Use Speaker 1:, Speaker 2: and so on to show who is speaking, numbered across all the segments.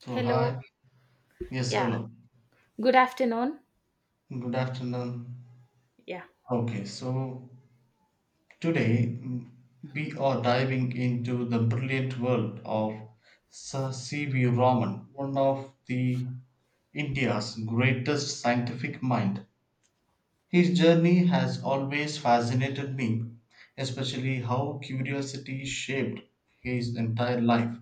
Speaker 1: So,
Speaker 2: Hello.
Speaker 1: hi. Yes,
Speaker 2: Yeah.
Speaker 1: hello.
Speaker 2: Good afternoon.
Speaker 1: Good afternoon.
Speaker 2: Yeah.
Speaker 1: Okay, so today we are diving into the brilliant world of Sir C.V. Raman, one of the India's greatest scientific mind. His journey has always fascinated me, especially how curiosity shaped his entire life.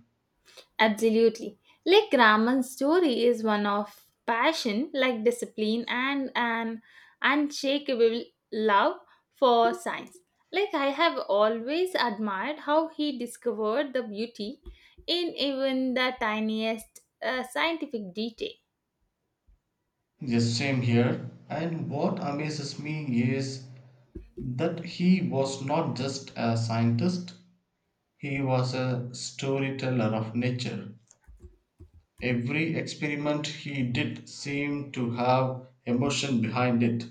Speaker 2: Absolutely. Like Raman's story is one of passion, like discipline, and an unshakable love for science. Like I have always admired how he discovered the beauty in even the tiniest scientific detail.
Speaker 1: Yes, same here. And what amazes me is that he was not just a scientist, he was a storyteller of nature. Every experiment he did seemed to have emotion behind it.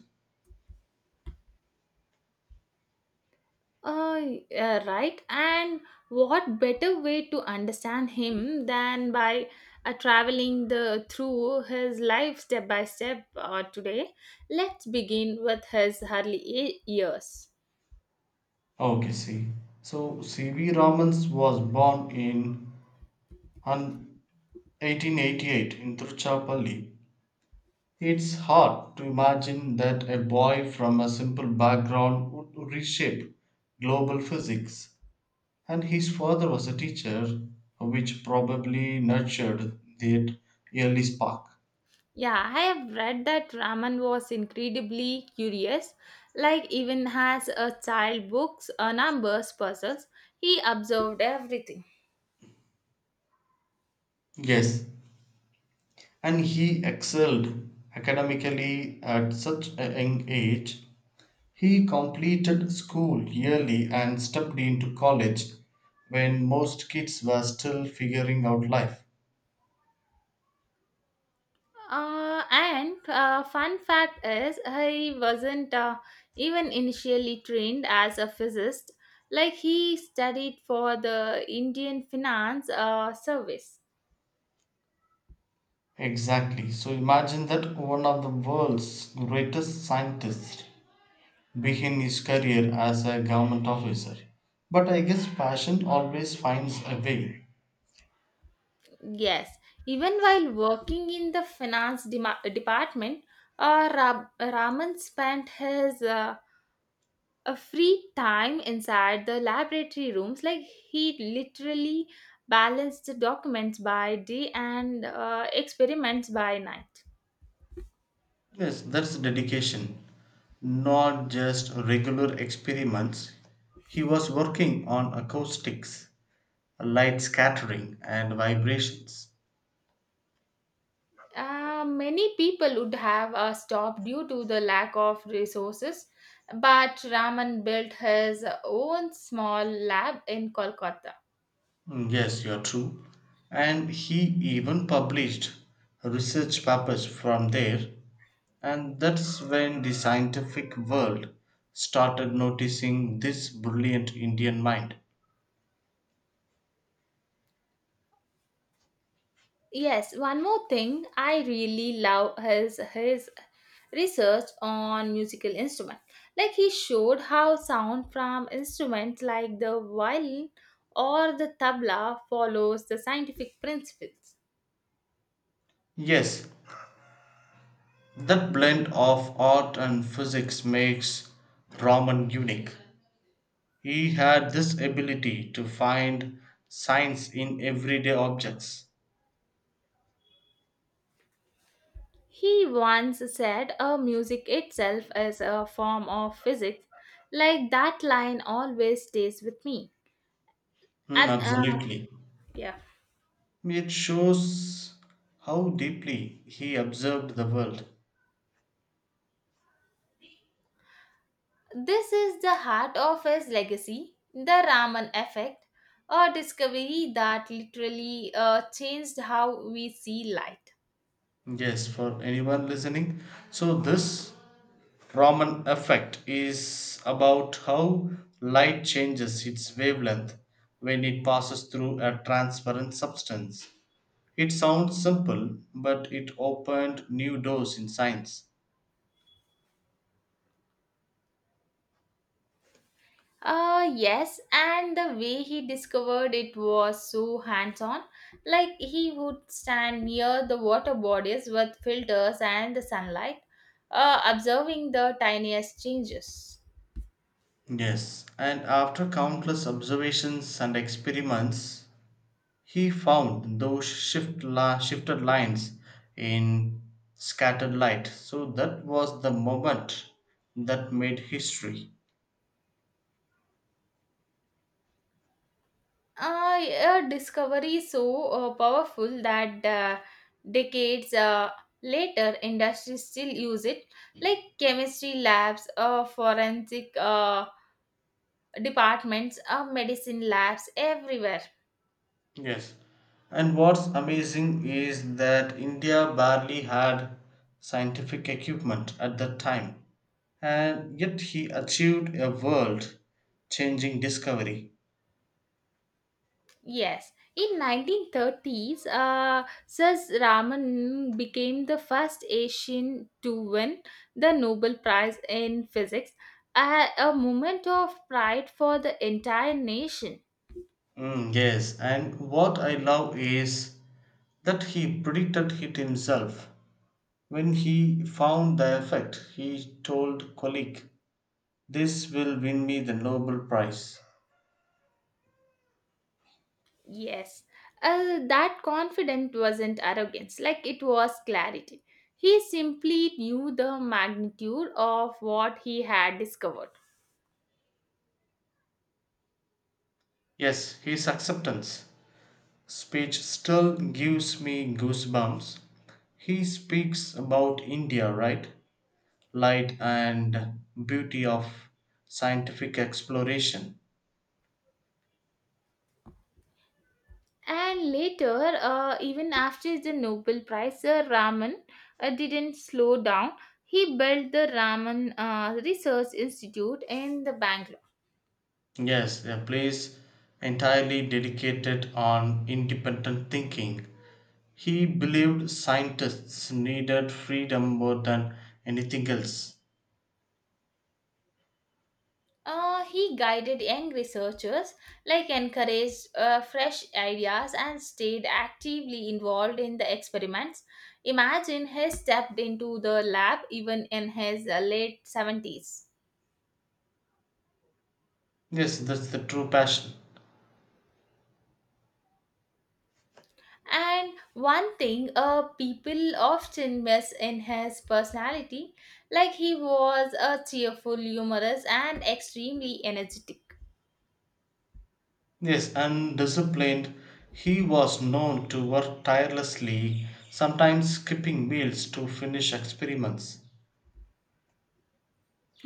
Speaker 2: Uh, yeah, right. And what better way to understand him than by traveling the through his life step by step today? Let's begin with his early years.
Speaker 1: Okay, see. So, C.V. Ramans was born in hun- 1888 in Tiruchirappalli. It's hard to imagine that a boy from a simple background would reshape global physics. And his father was a teacher, which probably nurtured that early spark.
Speaker 2: Yeah, I have read that Raman was incredibly curious. Like even as a child, books, numbers, puzzles, he observed everything.
Speaker 1: Yes, and he excelled academically at such a young age. He completed school yearly and stepped into college when most kids were still figuring out life.
Speaker 2: And Fun fact is, he wasn't even initially trained as a physicist. Like he studied for the Indian Finance Service.
Speaker 1: Exactly. So imagine that one of the world's greatest scientists begin his career as a government officer. But I guess passion always finds a way.
Speaker 2: Yes, even while working in the finance dema department, Raman spent his a free time inside the laboratory rooms. Like he literally balanced documents by day and experiments by night.
Speaker 1: Yes, that's dedication, not just regular experiments. He was working on acoustics, light scattering, and vibrations.
Speaker 2: Many people would have stopped due to the lack of resources, but Raman built his own small lab in Kolkata.
Speaker 1: Yes, you're true. And he even published research papers from there, and that's when the scientific world started noticing this brilliant Indian mind.
Speaker 2: Yes, one more thing, I really love his research on musical instrument. Like he showed how sound from instruments like the violin or the tabla follows the scientific principles.
Speaker 1: Yes, that blend of art and physics makes Raman unique. He had this ability to find science in everyday objects.
Speaker 2: He once said music itself is a form of physics. Like that line always stays with me.
Speaker 1: Mm,
Speaker 2: And uh,
Speaker 1: absolutely.
Speaker 2: yeah,
Speaker 1: It shows how deeply he observed the world.
Speaker 2: this is the heart of his legacy, the Raman effect, a discovery that literally changed how we see light.
Speaker 1: Yes, for anyone listening. So, this Raman effect is about how light changes its wavelength when it passes through a transparent substance. It sounds simple, but it opened new doors in science.
Speaker 2: Yes, and the way he discovered it was so hands on. Like he would stand near the water bodies with filters and the sunlight, observing the tiniest changes.
Speaker 1: Yes, and after countless observations and experiments, he found those shifted lines in scattered light. So that was the moment that made history.
Speaker 2: A discovery so powerful that decades later, industry still use it, like chemistry labs, forensic departments, medicine labs, everywhere.
Speaker 1: Yes. And what's amazing is that India barely had scientific equipment at that time, and yet he achieved a world changing discovery.
Speaker 2: Yes, in 1930s, Sir Raman became the first Asian to win the Nobel Prize in Physics, a moment of pride for the entire nation.
Speaker 1: Yes, and what I love is that he predicted it himself. When he found the effect, he told colleague, "This will win me the Nobel Prize."
Speaker 2: Yes, that confidence wasn't arrogance, like it was clarity. He simply knew the magnitude of what he had discovered.
Speaker 1: Yes, his acceptance speech still gives me goosebumps. He speaks about India right, light and beauty of scientific exploration.
Speaker 2: And later, even after the Nobel Prize, Sir Raman didn't slow down. He built the Raman Research Institute in the Bangalore.
Speaker 1: Yes, a place entirely dedicated on independent thinking. He believed scientists needed freedom more than anything else.
Speaker 2: He guided young researchers, like encouraged fresh ideas and stayed actively involved in the experiments. Imagine he stepped into the lab even in his late 70s.
Speaker 1: Yes, that's the true passion.
Speaker 2: And one thing people often miss in his personality, like he was a cheerful, humorous, and extremely energetic.
Speaker 1: Yes, undisciplined, he was known to work tirelessly, sometimes skipping meals to finish experiments.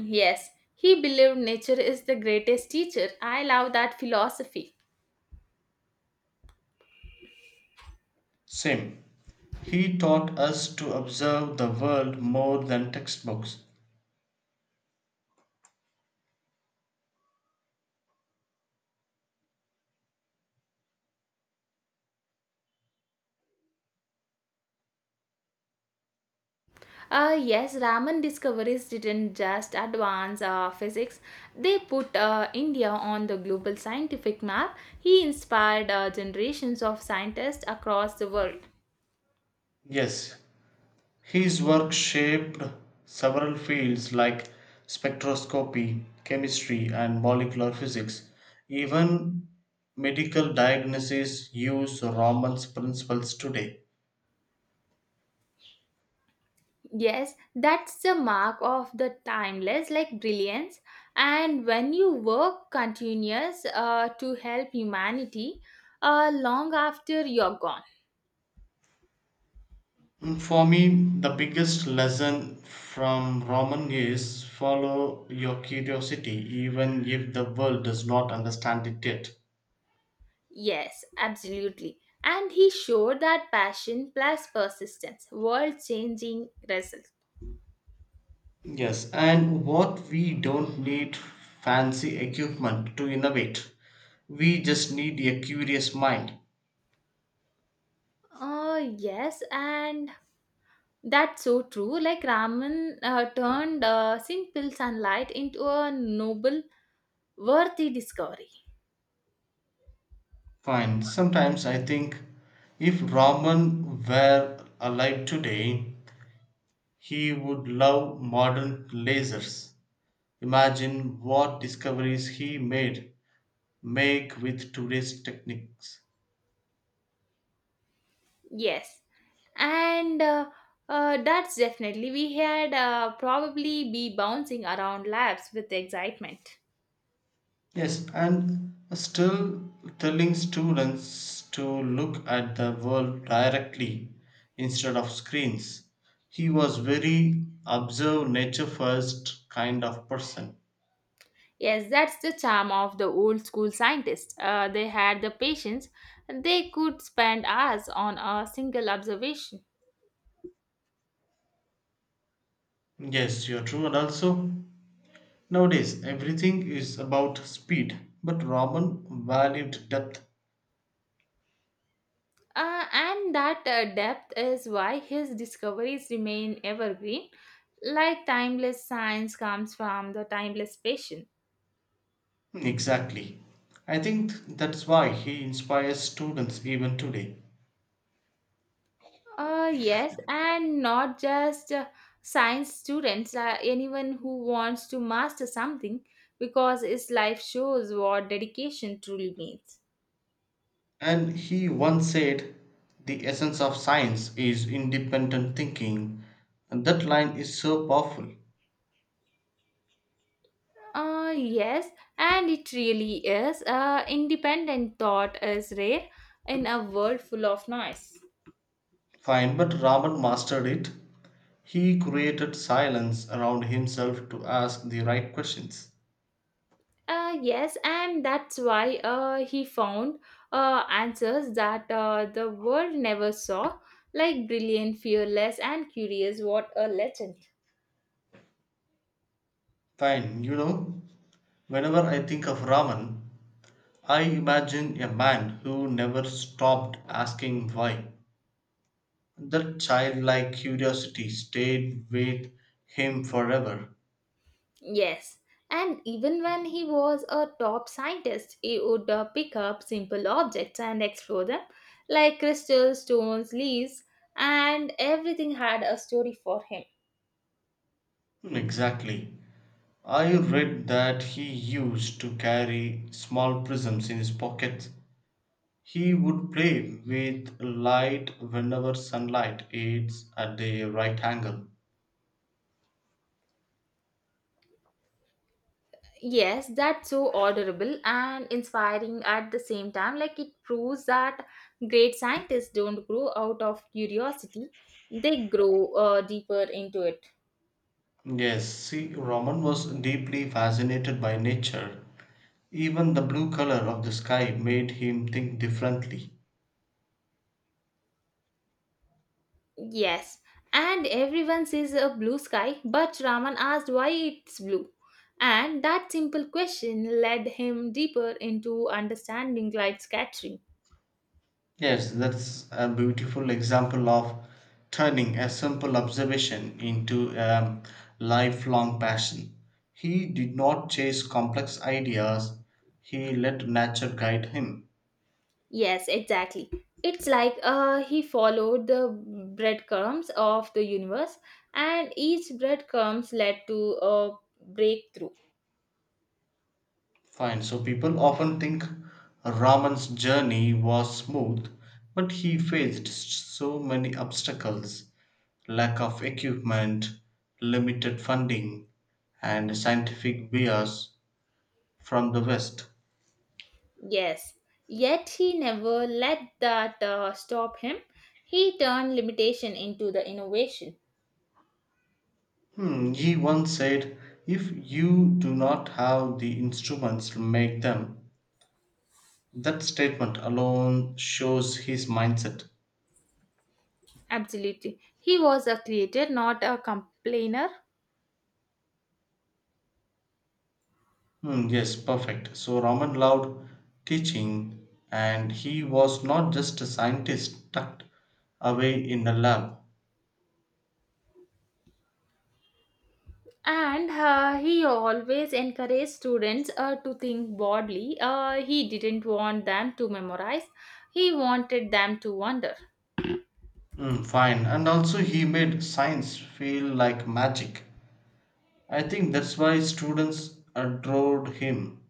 Speaker 2: Yes, he believed nature is the greatest teacher. I love that philosophy.
Speaker 1: Same. He taught us to observe the world more than textbooks.
Speaker 2: Yes, Raman discoveries didn't just advance physics, they put India on the global scientific map. He inspired generations of scientists across the world.
Speaker 1: Yes, his work shaped several fields like spectroscopy, chemistry, and molecular physics. Even medical diagnosis use Raman's principles today.
Speaker 2: Yes, that's the mark of the timeless, like brilliance. And when you work continuous to help humanity, long after you're gone.
Speaker 1: For me, the biggest lesson from Roman is follow your curiosity, even if the world does not understand it yet.
Speaker 2: Yes, absolutely. And he showed that passion plus persistence, world-changing result.
Speaker 1: Yes, and what we don't need fancy equipment to innovate, we just need a curious mind.
Speaker 2: Yes, and that's so true. Like Raman turned simple sunlight into a noble, worthy discovery.
Speaker 1: Fine, sometimes I think if Raman were alive today, he would love modern lasers. Imagine what discoveries he made make with today's techniques.
Speaker 2: Yes, and that's definitely we had probably be bouncing around labs with excitement.
Speaker 1: Yes, and still telling students to look at the world directly instead of screens. He was very observe nature first kind of person.
Speaker 2: Yes, that's the charm of the old school scientists. They had the patience, and they could spend hours on a single observation.
Speaker 1: Yes, you're true. And also, nowadays everything is about speed, but Raman valued depth.
Speaker 2: And that depth is why his discoveries remain evergreen. Like timeless science comes from the timeless patient.
Speaker 1: Exactly. I think that's why he inspires students even today.
Speaker 2: Yes, and not just science students, anyone who wants to master something, because his life shows what dedication truly means.
Speaker 1: And he once said, the essence of science is independent thinking. And that line is so powerful.
Speaker 2: Yes, and it really is. Independent thought is rare in a world full of noise.
Speaker 1: Fine, but Raman mastered it. He created silence around himself to ask the right questions.
Speaker 2: Yes, and that's why he found answers that the world never saw, like brilliant, fearless, and curious. What a legend!
Speaker 1: Fine, you know, whenever I think of Raman, I imagine a man who never stopped asking why. That childlike curiosity stayed with him forever.
Speaker 2: Yes, and even when he was a top scientist, he would pick up simple objects and explore them, like crystals, stones, leaves, and everything had a story for him.
Speaker 1: Exactly. I read that he used to carry small prisms in his pocket. He would play with light whenever sunlight is at a right angle.
Speaker 2: Yes, that's so adorable and inspiring at the same time. Like it proves that great scientists don't grow out of curiosity, they grow deeper into it.
Speaker 1: Yes, see, Roman was deeply fascinated by nature. Even the blue color of the sky made him think differently.
Speaker 2: Yes, and everyone sees a blue sky, but Raman asked why it's blue. And that simple question led him deeper into understanding light scattering.
Speaker 1: Yes, that's a beautiful example of turning a simple observation into a lifelong passion. He did not chase complex ideas, he let nature guide him.
Speaker 2: Yes, exactly. It's like he followed the breadcrumbs of the universe, and each breadcrumbs led to a breakthrough.
Speaker 1: Fine, so people often think Raman's journey was smooth, but he faced so many obstacles, lack of equipment, limited funding, and scientific bias from the West.
Speaker 2: Yes, yet he never let that stop him. He turned limitation into the innovation.
Speaker 1: Hmm, he once said, if you do not have the instruments to make them, that statement alone shows his mindset.
Speaker 2: Absolutely. He was a creator, not a complainer.
Speaker 1: Hmm, yes, perfect. So, Raman loved teaching, and he was not just a scientist tucked away in a lab.
Speaker 2: And he always encouraged students to think broadly. He didn't want them to memorize, he wanted them to wonder.
Speaker 1: Hmm, fine. And also, he made science feel like magic. I think that's why students adored him.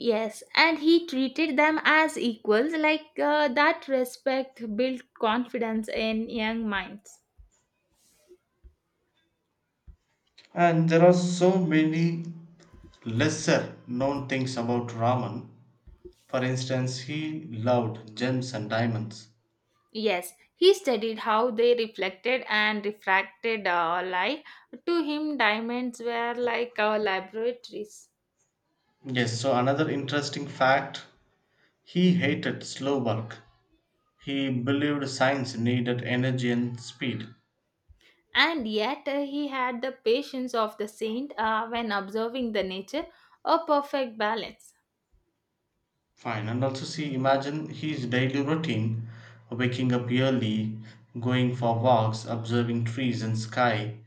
Speaker 2: Yes, and he treated them as equals, like that respect built confidence in young minds.
Speaker 1: And there are so many lesser known things about Raman. For instance, he loved gems and diamonds.
Speaker 2: Yes, he studied how they reflected and refracted light. To him, diamonds were like laboratories.
Speaker 1: Yes, so another interesting fact, he hated slow work. He believed science needed energy and speed.
Speaker 2: And yet he had the patience of the saint when observing the nature, a perfect balance.
Speaker 1: Fine, and also see, imagine his daily routine, waking up early, going for walks, observing trees and sky.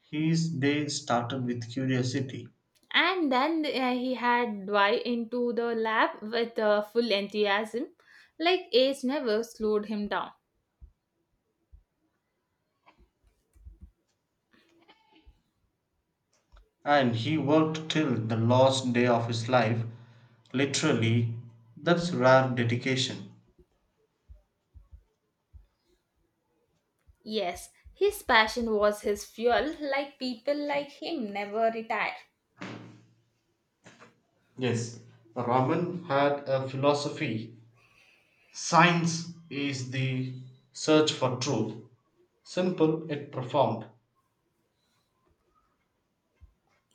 Speaker 1: His day started with curiosity.
Speaker 2: And then he had dive into the lab with full enthusiasm, like age never slowed him down.
Speaker 1: And he worked till the last day of his life. Literally, that's rare dedication.
Speaker 2: Yes, his passion was his fuel, like people like him never retire.
Speaker 1: Yes, Raman had a philosophy. Science is the search for truth. Simple yet profound.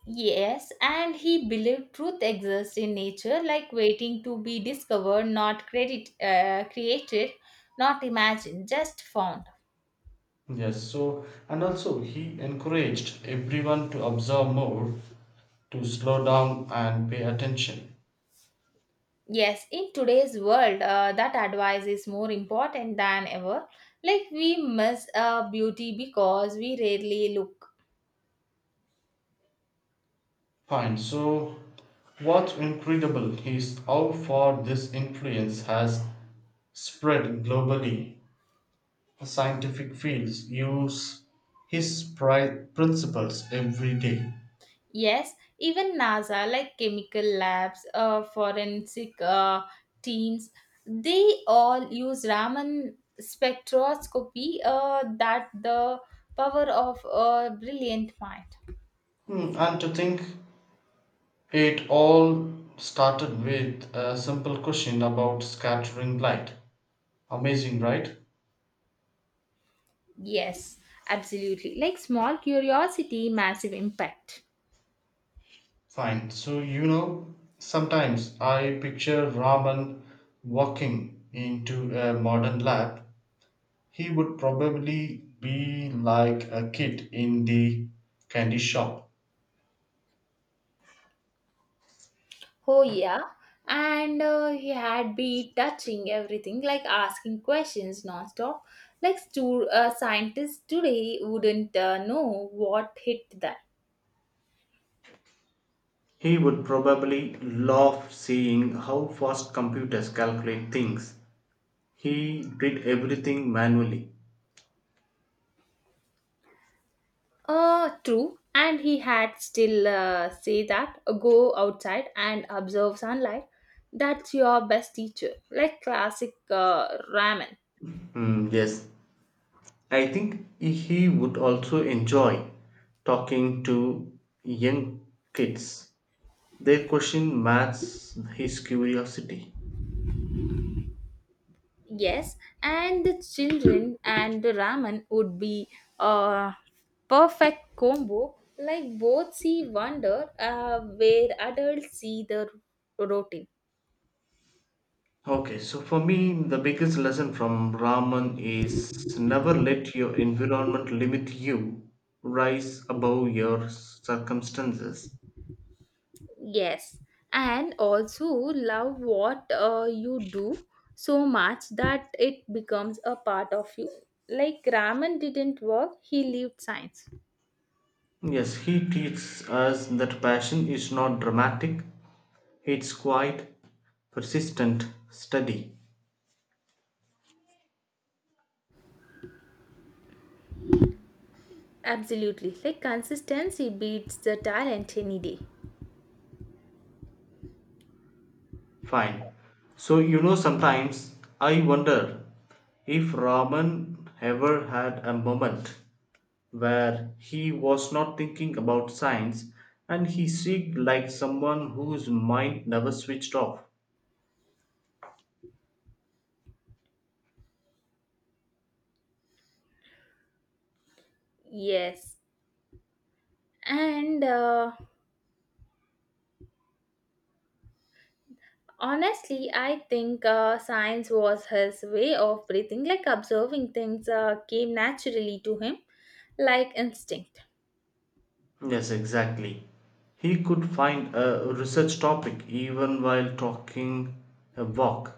Speaker 2: Yes, and he believed truth exists in nature, like waiting to be discovered, not credit created, not imagined, just found.
Speaker 1: Yes, so, and also he encouraged everyone to observe more, to slow down and pay attention.
Speaker 2: Yes, in today's world, that advice is more important than ever. Like, we miss beauty because we rarely look.
Speaker 1: Fine. So, what's incredible is how far this influence has spread globally. Scientific fields use his principles every day.
Speaker 2: Yes, even NASA, like chemical labs, forensic teams, they all use Raman spectroscopy, that the power of a brilliant mind.
Speaker 1: Hmm, and to think it all started with a simple question about scattering light. Amazing, right?
Speaker 2: Yes, absolutely. Like, small curiosity, massive impact.
Speaker 1: Fine. So, you know, sometimes I picture Raman walking into a modern lab. He would probably be like a kid in the candy shop.
Speaker 2: Oh, yeah. And he had be touching everything, like asking questions nonstop. Like scientists today wouldn't know what hit that.
Speaker 1: He would probably love seeing how fast computers calculate things. He did everything manually.
Speaker 2: True. And he had still say that go outside and observe sunlight. That's your best teacher. Like classic ramen.
Speaker 1: Hmm. Yes, I think he would also enjoy talking to young kids. They question maths his curiosity.
Speaker 2: Yes, and the children and the ramen would be a perfect combo. Like both see wonder where adults see the routine.
Speaker 1: Okay, so for me, the biggest lesson from Raman is never let your environment limit you, rise above your circumstances.
Speaker 2: Yes, and also love what you do so much that it becomes a part of you. Like Raman didn't work, he lived science.
Speaker 1: Yes, he teaches us that passion is not dramatic, it's quite persistent, steady.
Speaker 2: Absolutely. Like consistency beats the talent any day.
Speaker 1: Fine. So, you know, sometimes I wonder if Raman ever had a moment where he was not thinking about science and he seemed like someone whose mind never switched off.
Speaker 2: Yes. And Honestly, I think science was his way of breathing, like observing things came naturally to him, like instinct.
Speaker 1: Yes, exactly. He could find a research topic even while talking a walk.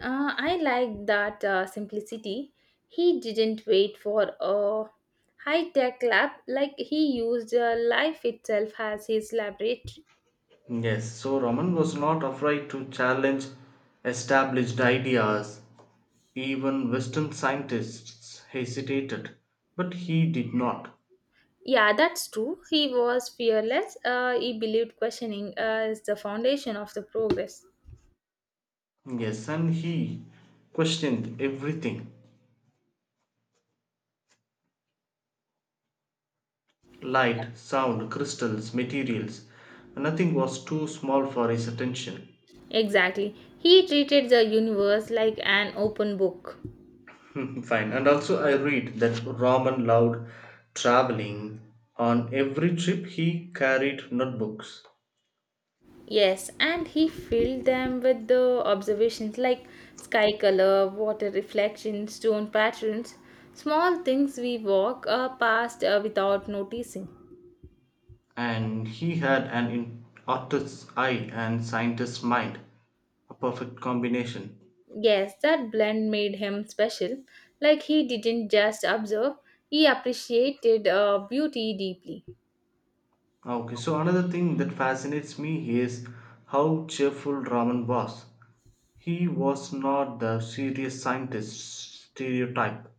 Speaker 2: I like that simplicity. He didn't wait for a high tech lab, like he used life itself as his laboratory.
Speaker 1: Yes, so Raman was not afraid to challenge established ideas. Even Western scientists hesitated, but he did not.
Speaker 2: Yeah, that's true. He was fearless. He believed questioning is the foundation of the progress.
Speaker 1: Yes, and he questioned everything, light, sound, crystals, materials. Nothing was too small for his attention.
Speaker 2: Exactly. He treated the universe like an open book.
Speaker 1: Fine. And also, I read that Raman loved traveling. On every trip, he carried notebooks.
Speaker 2: Yes, and he filled them with the observations like sky color, water reflection, stone patterns, small things we walk past without noticing.
Speaker 1: And he had an artist's eye and scientist's mind, a perfect combination.
Speaker 2: Yes, that blend made him special. Like he didn't just observe, he appreciated beauty deeply.
Speaker 1: Okay, so another thing that fascinates me is how cheerful Raman was. He was not the serious scientist stereotype.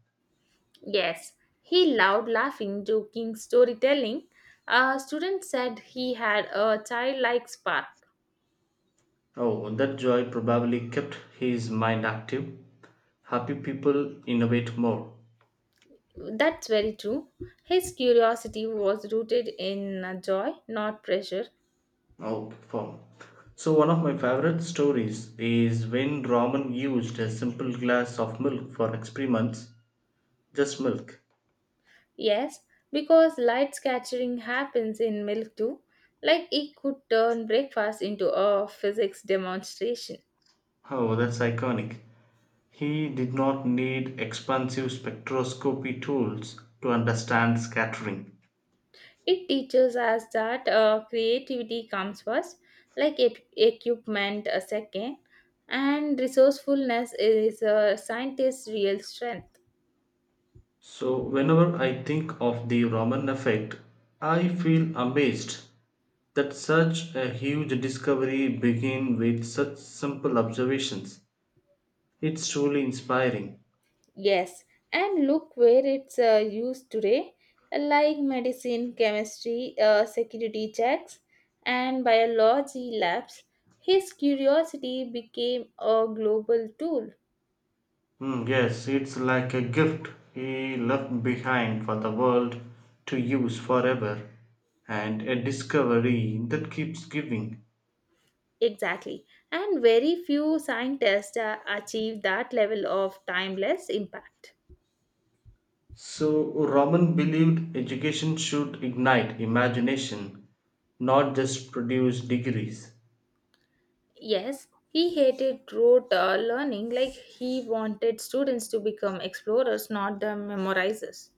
Speaker 2: Yes, he loved laughing, joking, storytelling. A student said he had a childlike spark.
Speaker 1: Oh, that joy probably kept his mind active. Happy people innovate more.
Speaker 2: That's very true. His curiosity was rooted in joy, not pressure.
Speaker 1: Okay, form. So one of my favorite stories is when Raman used a simple glass of milk for experiments. Just milk.
Speaker 2: Yes, because light scattering happens in milk too. Like it could turn breakfast into a physics demonstration.
Speaker 1: Oh, that's iconic. He did not need expensive spectroscopy tools to understand scattering.
Speaker 2: It teaches us that creativity comes first, like equipment a second, and resourcefulness is a scientist's real strength.
Speaker 1: So, whenever I think of the Raman effect, I feel amazed that such a huge discovery began with such simple observations. It's truly inspiring.
Speaker 2: Yes, and look where it's used today, like medicine, chemistry, security checks, and biology labs. His curiosity became a global tool.
Speaker 1: Mm, yes, it's like a gift he left behind for the world to use forever, and a discovery that keeps giving.
Speaker 2: Exactly, and very few scientists achieve that level of timeless impact.
Speaker 1: So, Roman believed education should ignite imagination, not just produce degrees.
Speaker 2: Yes, he hated rote learning, like he wanted students to become explorers, not the memorizers.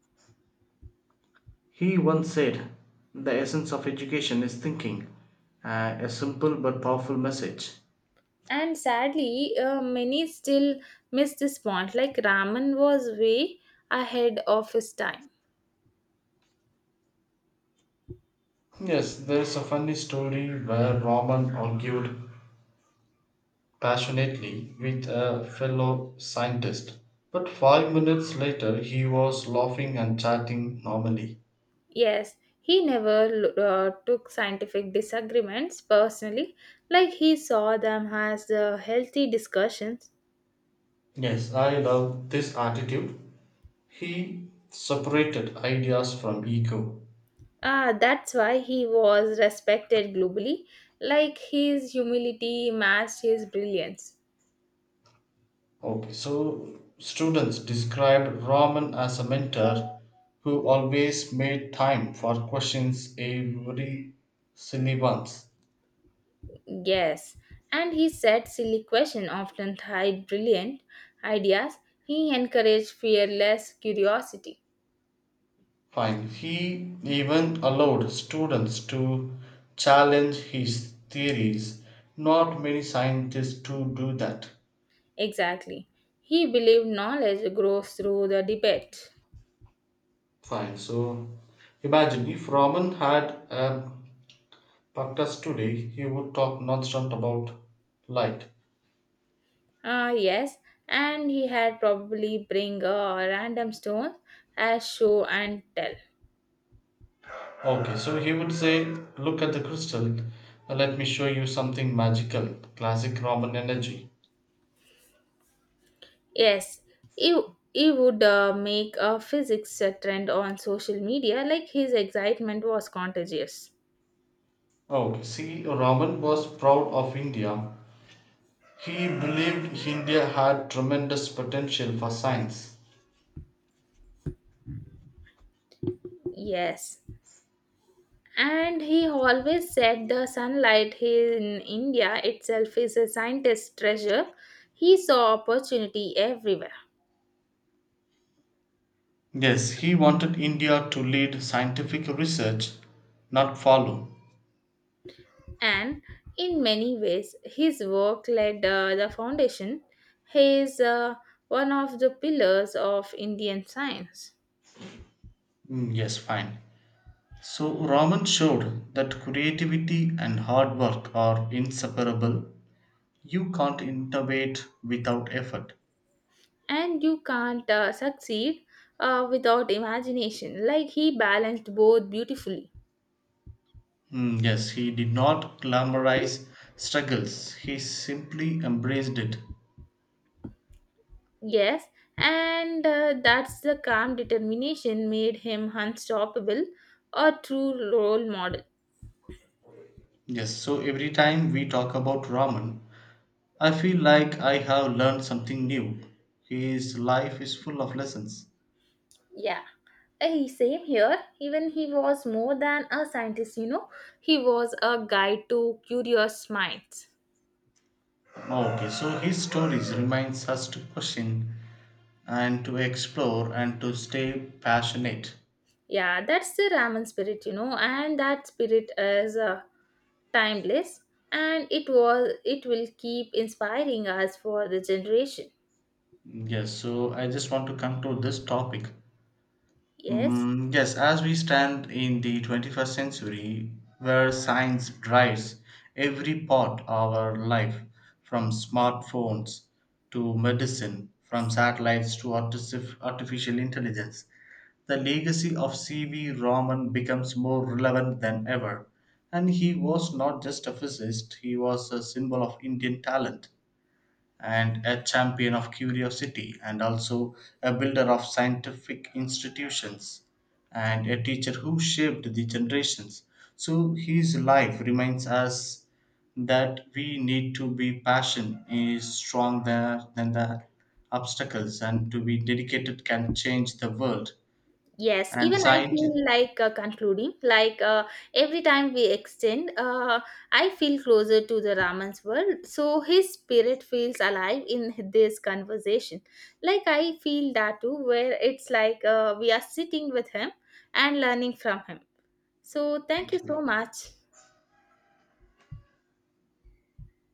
Speaker 1: He once said, the essence of education is thinking, a simple but powerful message.
Speaker 2: And sadly, many still miss this point. Like Raman was way ahead of his time.
Speaker 1: Yes, there's a funny story where Roman argued passionately with a fellow scientist, but 5 minutes later he was laughing and chatting normally.
Speaker 2: Yes, he never took scientific disagreements personally. Like he saw them as healthy discussions.
Speaker 1: Yes, I love this attitude. He separated ideas from ego.
Speaker 2: Ah, that's why he was respected globally. Like his humility matched his brilliance.
Speaker 1: Okay, so students described Raman as a mentor who always made time for questions every syllabus.
Speaker 2: Yes, and he said silly questions often hide brilliant ideas. He encouraged fearless curiosity.
Speaker 1: Fine. He even allowed students to challenge his theories. Not many scientists to do that.
Speaker 2: Exactly. He believed knowledge grows through the debate.
Speaker 1: Fine. So imagine if Raman had a podcast today, he would talk nonstop about light.
Speaker 2: Ah, yes, and he had probably bring a random stone as show and tell.
Speaker 1: Okay, so he would say, look at the crystal, let me show you something magical. Classic Roman energy.
Speaker 2: Yes, he, he would make a physics trend on social media, like his excitement was contagious.
Speaker 1: Okay. See, Roman was proud of India. He believed India had tremendous potential for science.
Speaker 2: Yes. And he always said the sunlight here in India itself is a scientist's treasure. He saw opportunity everywhere.
Speaker 1: Yes, he wanted India to lead scientific research, not follow.
Speaker 2: And in many ways, his work led the foundation. He is one of the pillars of Indian science.
Speaker 1: Yes, fine. So, Roman showed that creativity and hard work are inseparable. You can't innovate without effort.
Speaker 2: And you can't succeed without imagination. Like he balanced both beautifully.
Speaker 1: Yes, he did not glamorize struggles, he simply embraced it.
Speaker 2: Yes, and that's the calm determination made him unstoppable, a true role model.
Speaker 1: Yes, so every time we talk about Raman, I feel like I have learned something new. His life is full of lessons.
Speaker 2: Yeah, hey, same here. Even he was more than a scientist, you know, he was a guide to curious minds.
Speaker 1: Oh, okay, so his stories reminds us to question and to explore and to stay passionate.
Speaker 2: Yeah, that's the Raman spirit, you know, and that spirit is timeless, and it will keep inspiring us for the generation.
Speaker 1: Yes, so I just want to conclude this topic.
Speaker 2: Yes.
Speaker 1: Yes, as we stand in the 21st century, where science drives every part of our life, from smartphones to medicine, from satellites to artificial intelligence, the legacy of C.V. Raman becomes more relevant than ever. And he was not just a physicist, he was a symbol of Indian talent and a champion of curiosity, and also a builder of scientific institutions, and a teacher who shaped the generations. So his life reminds us that we need to be passion is stronger than the obstacles and to be dedicated can change the world
Speaker 2: Yes,
Speaker 1: and
Speaker 2: even I
Speaker 1: science.
Speaker 2: feel like concluding. Like every time we extend, I feel closer to the Raman's world. So his spirit feels alive in this conversation. Like I feel that too, where it's like we are sitting with him and learning from him. So thank you
Speaker 1: Thank
Speaker 2: so
Speaker 1: you.
Speaker 2: much.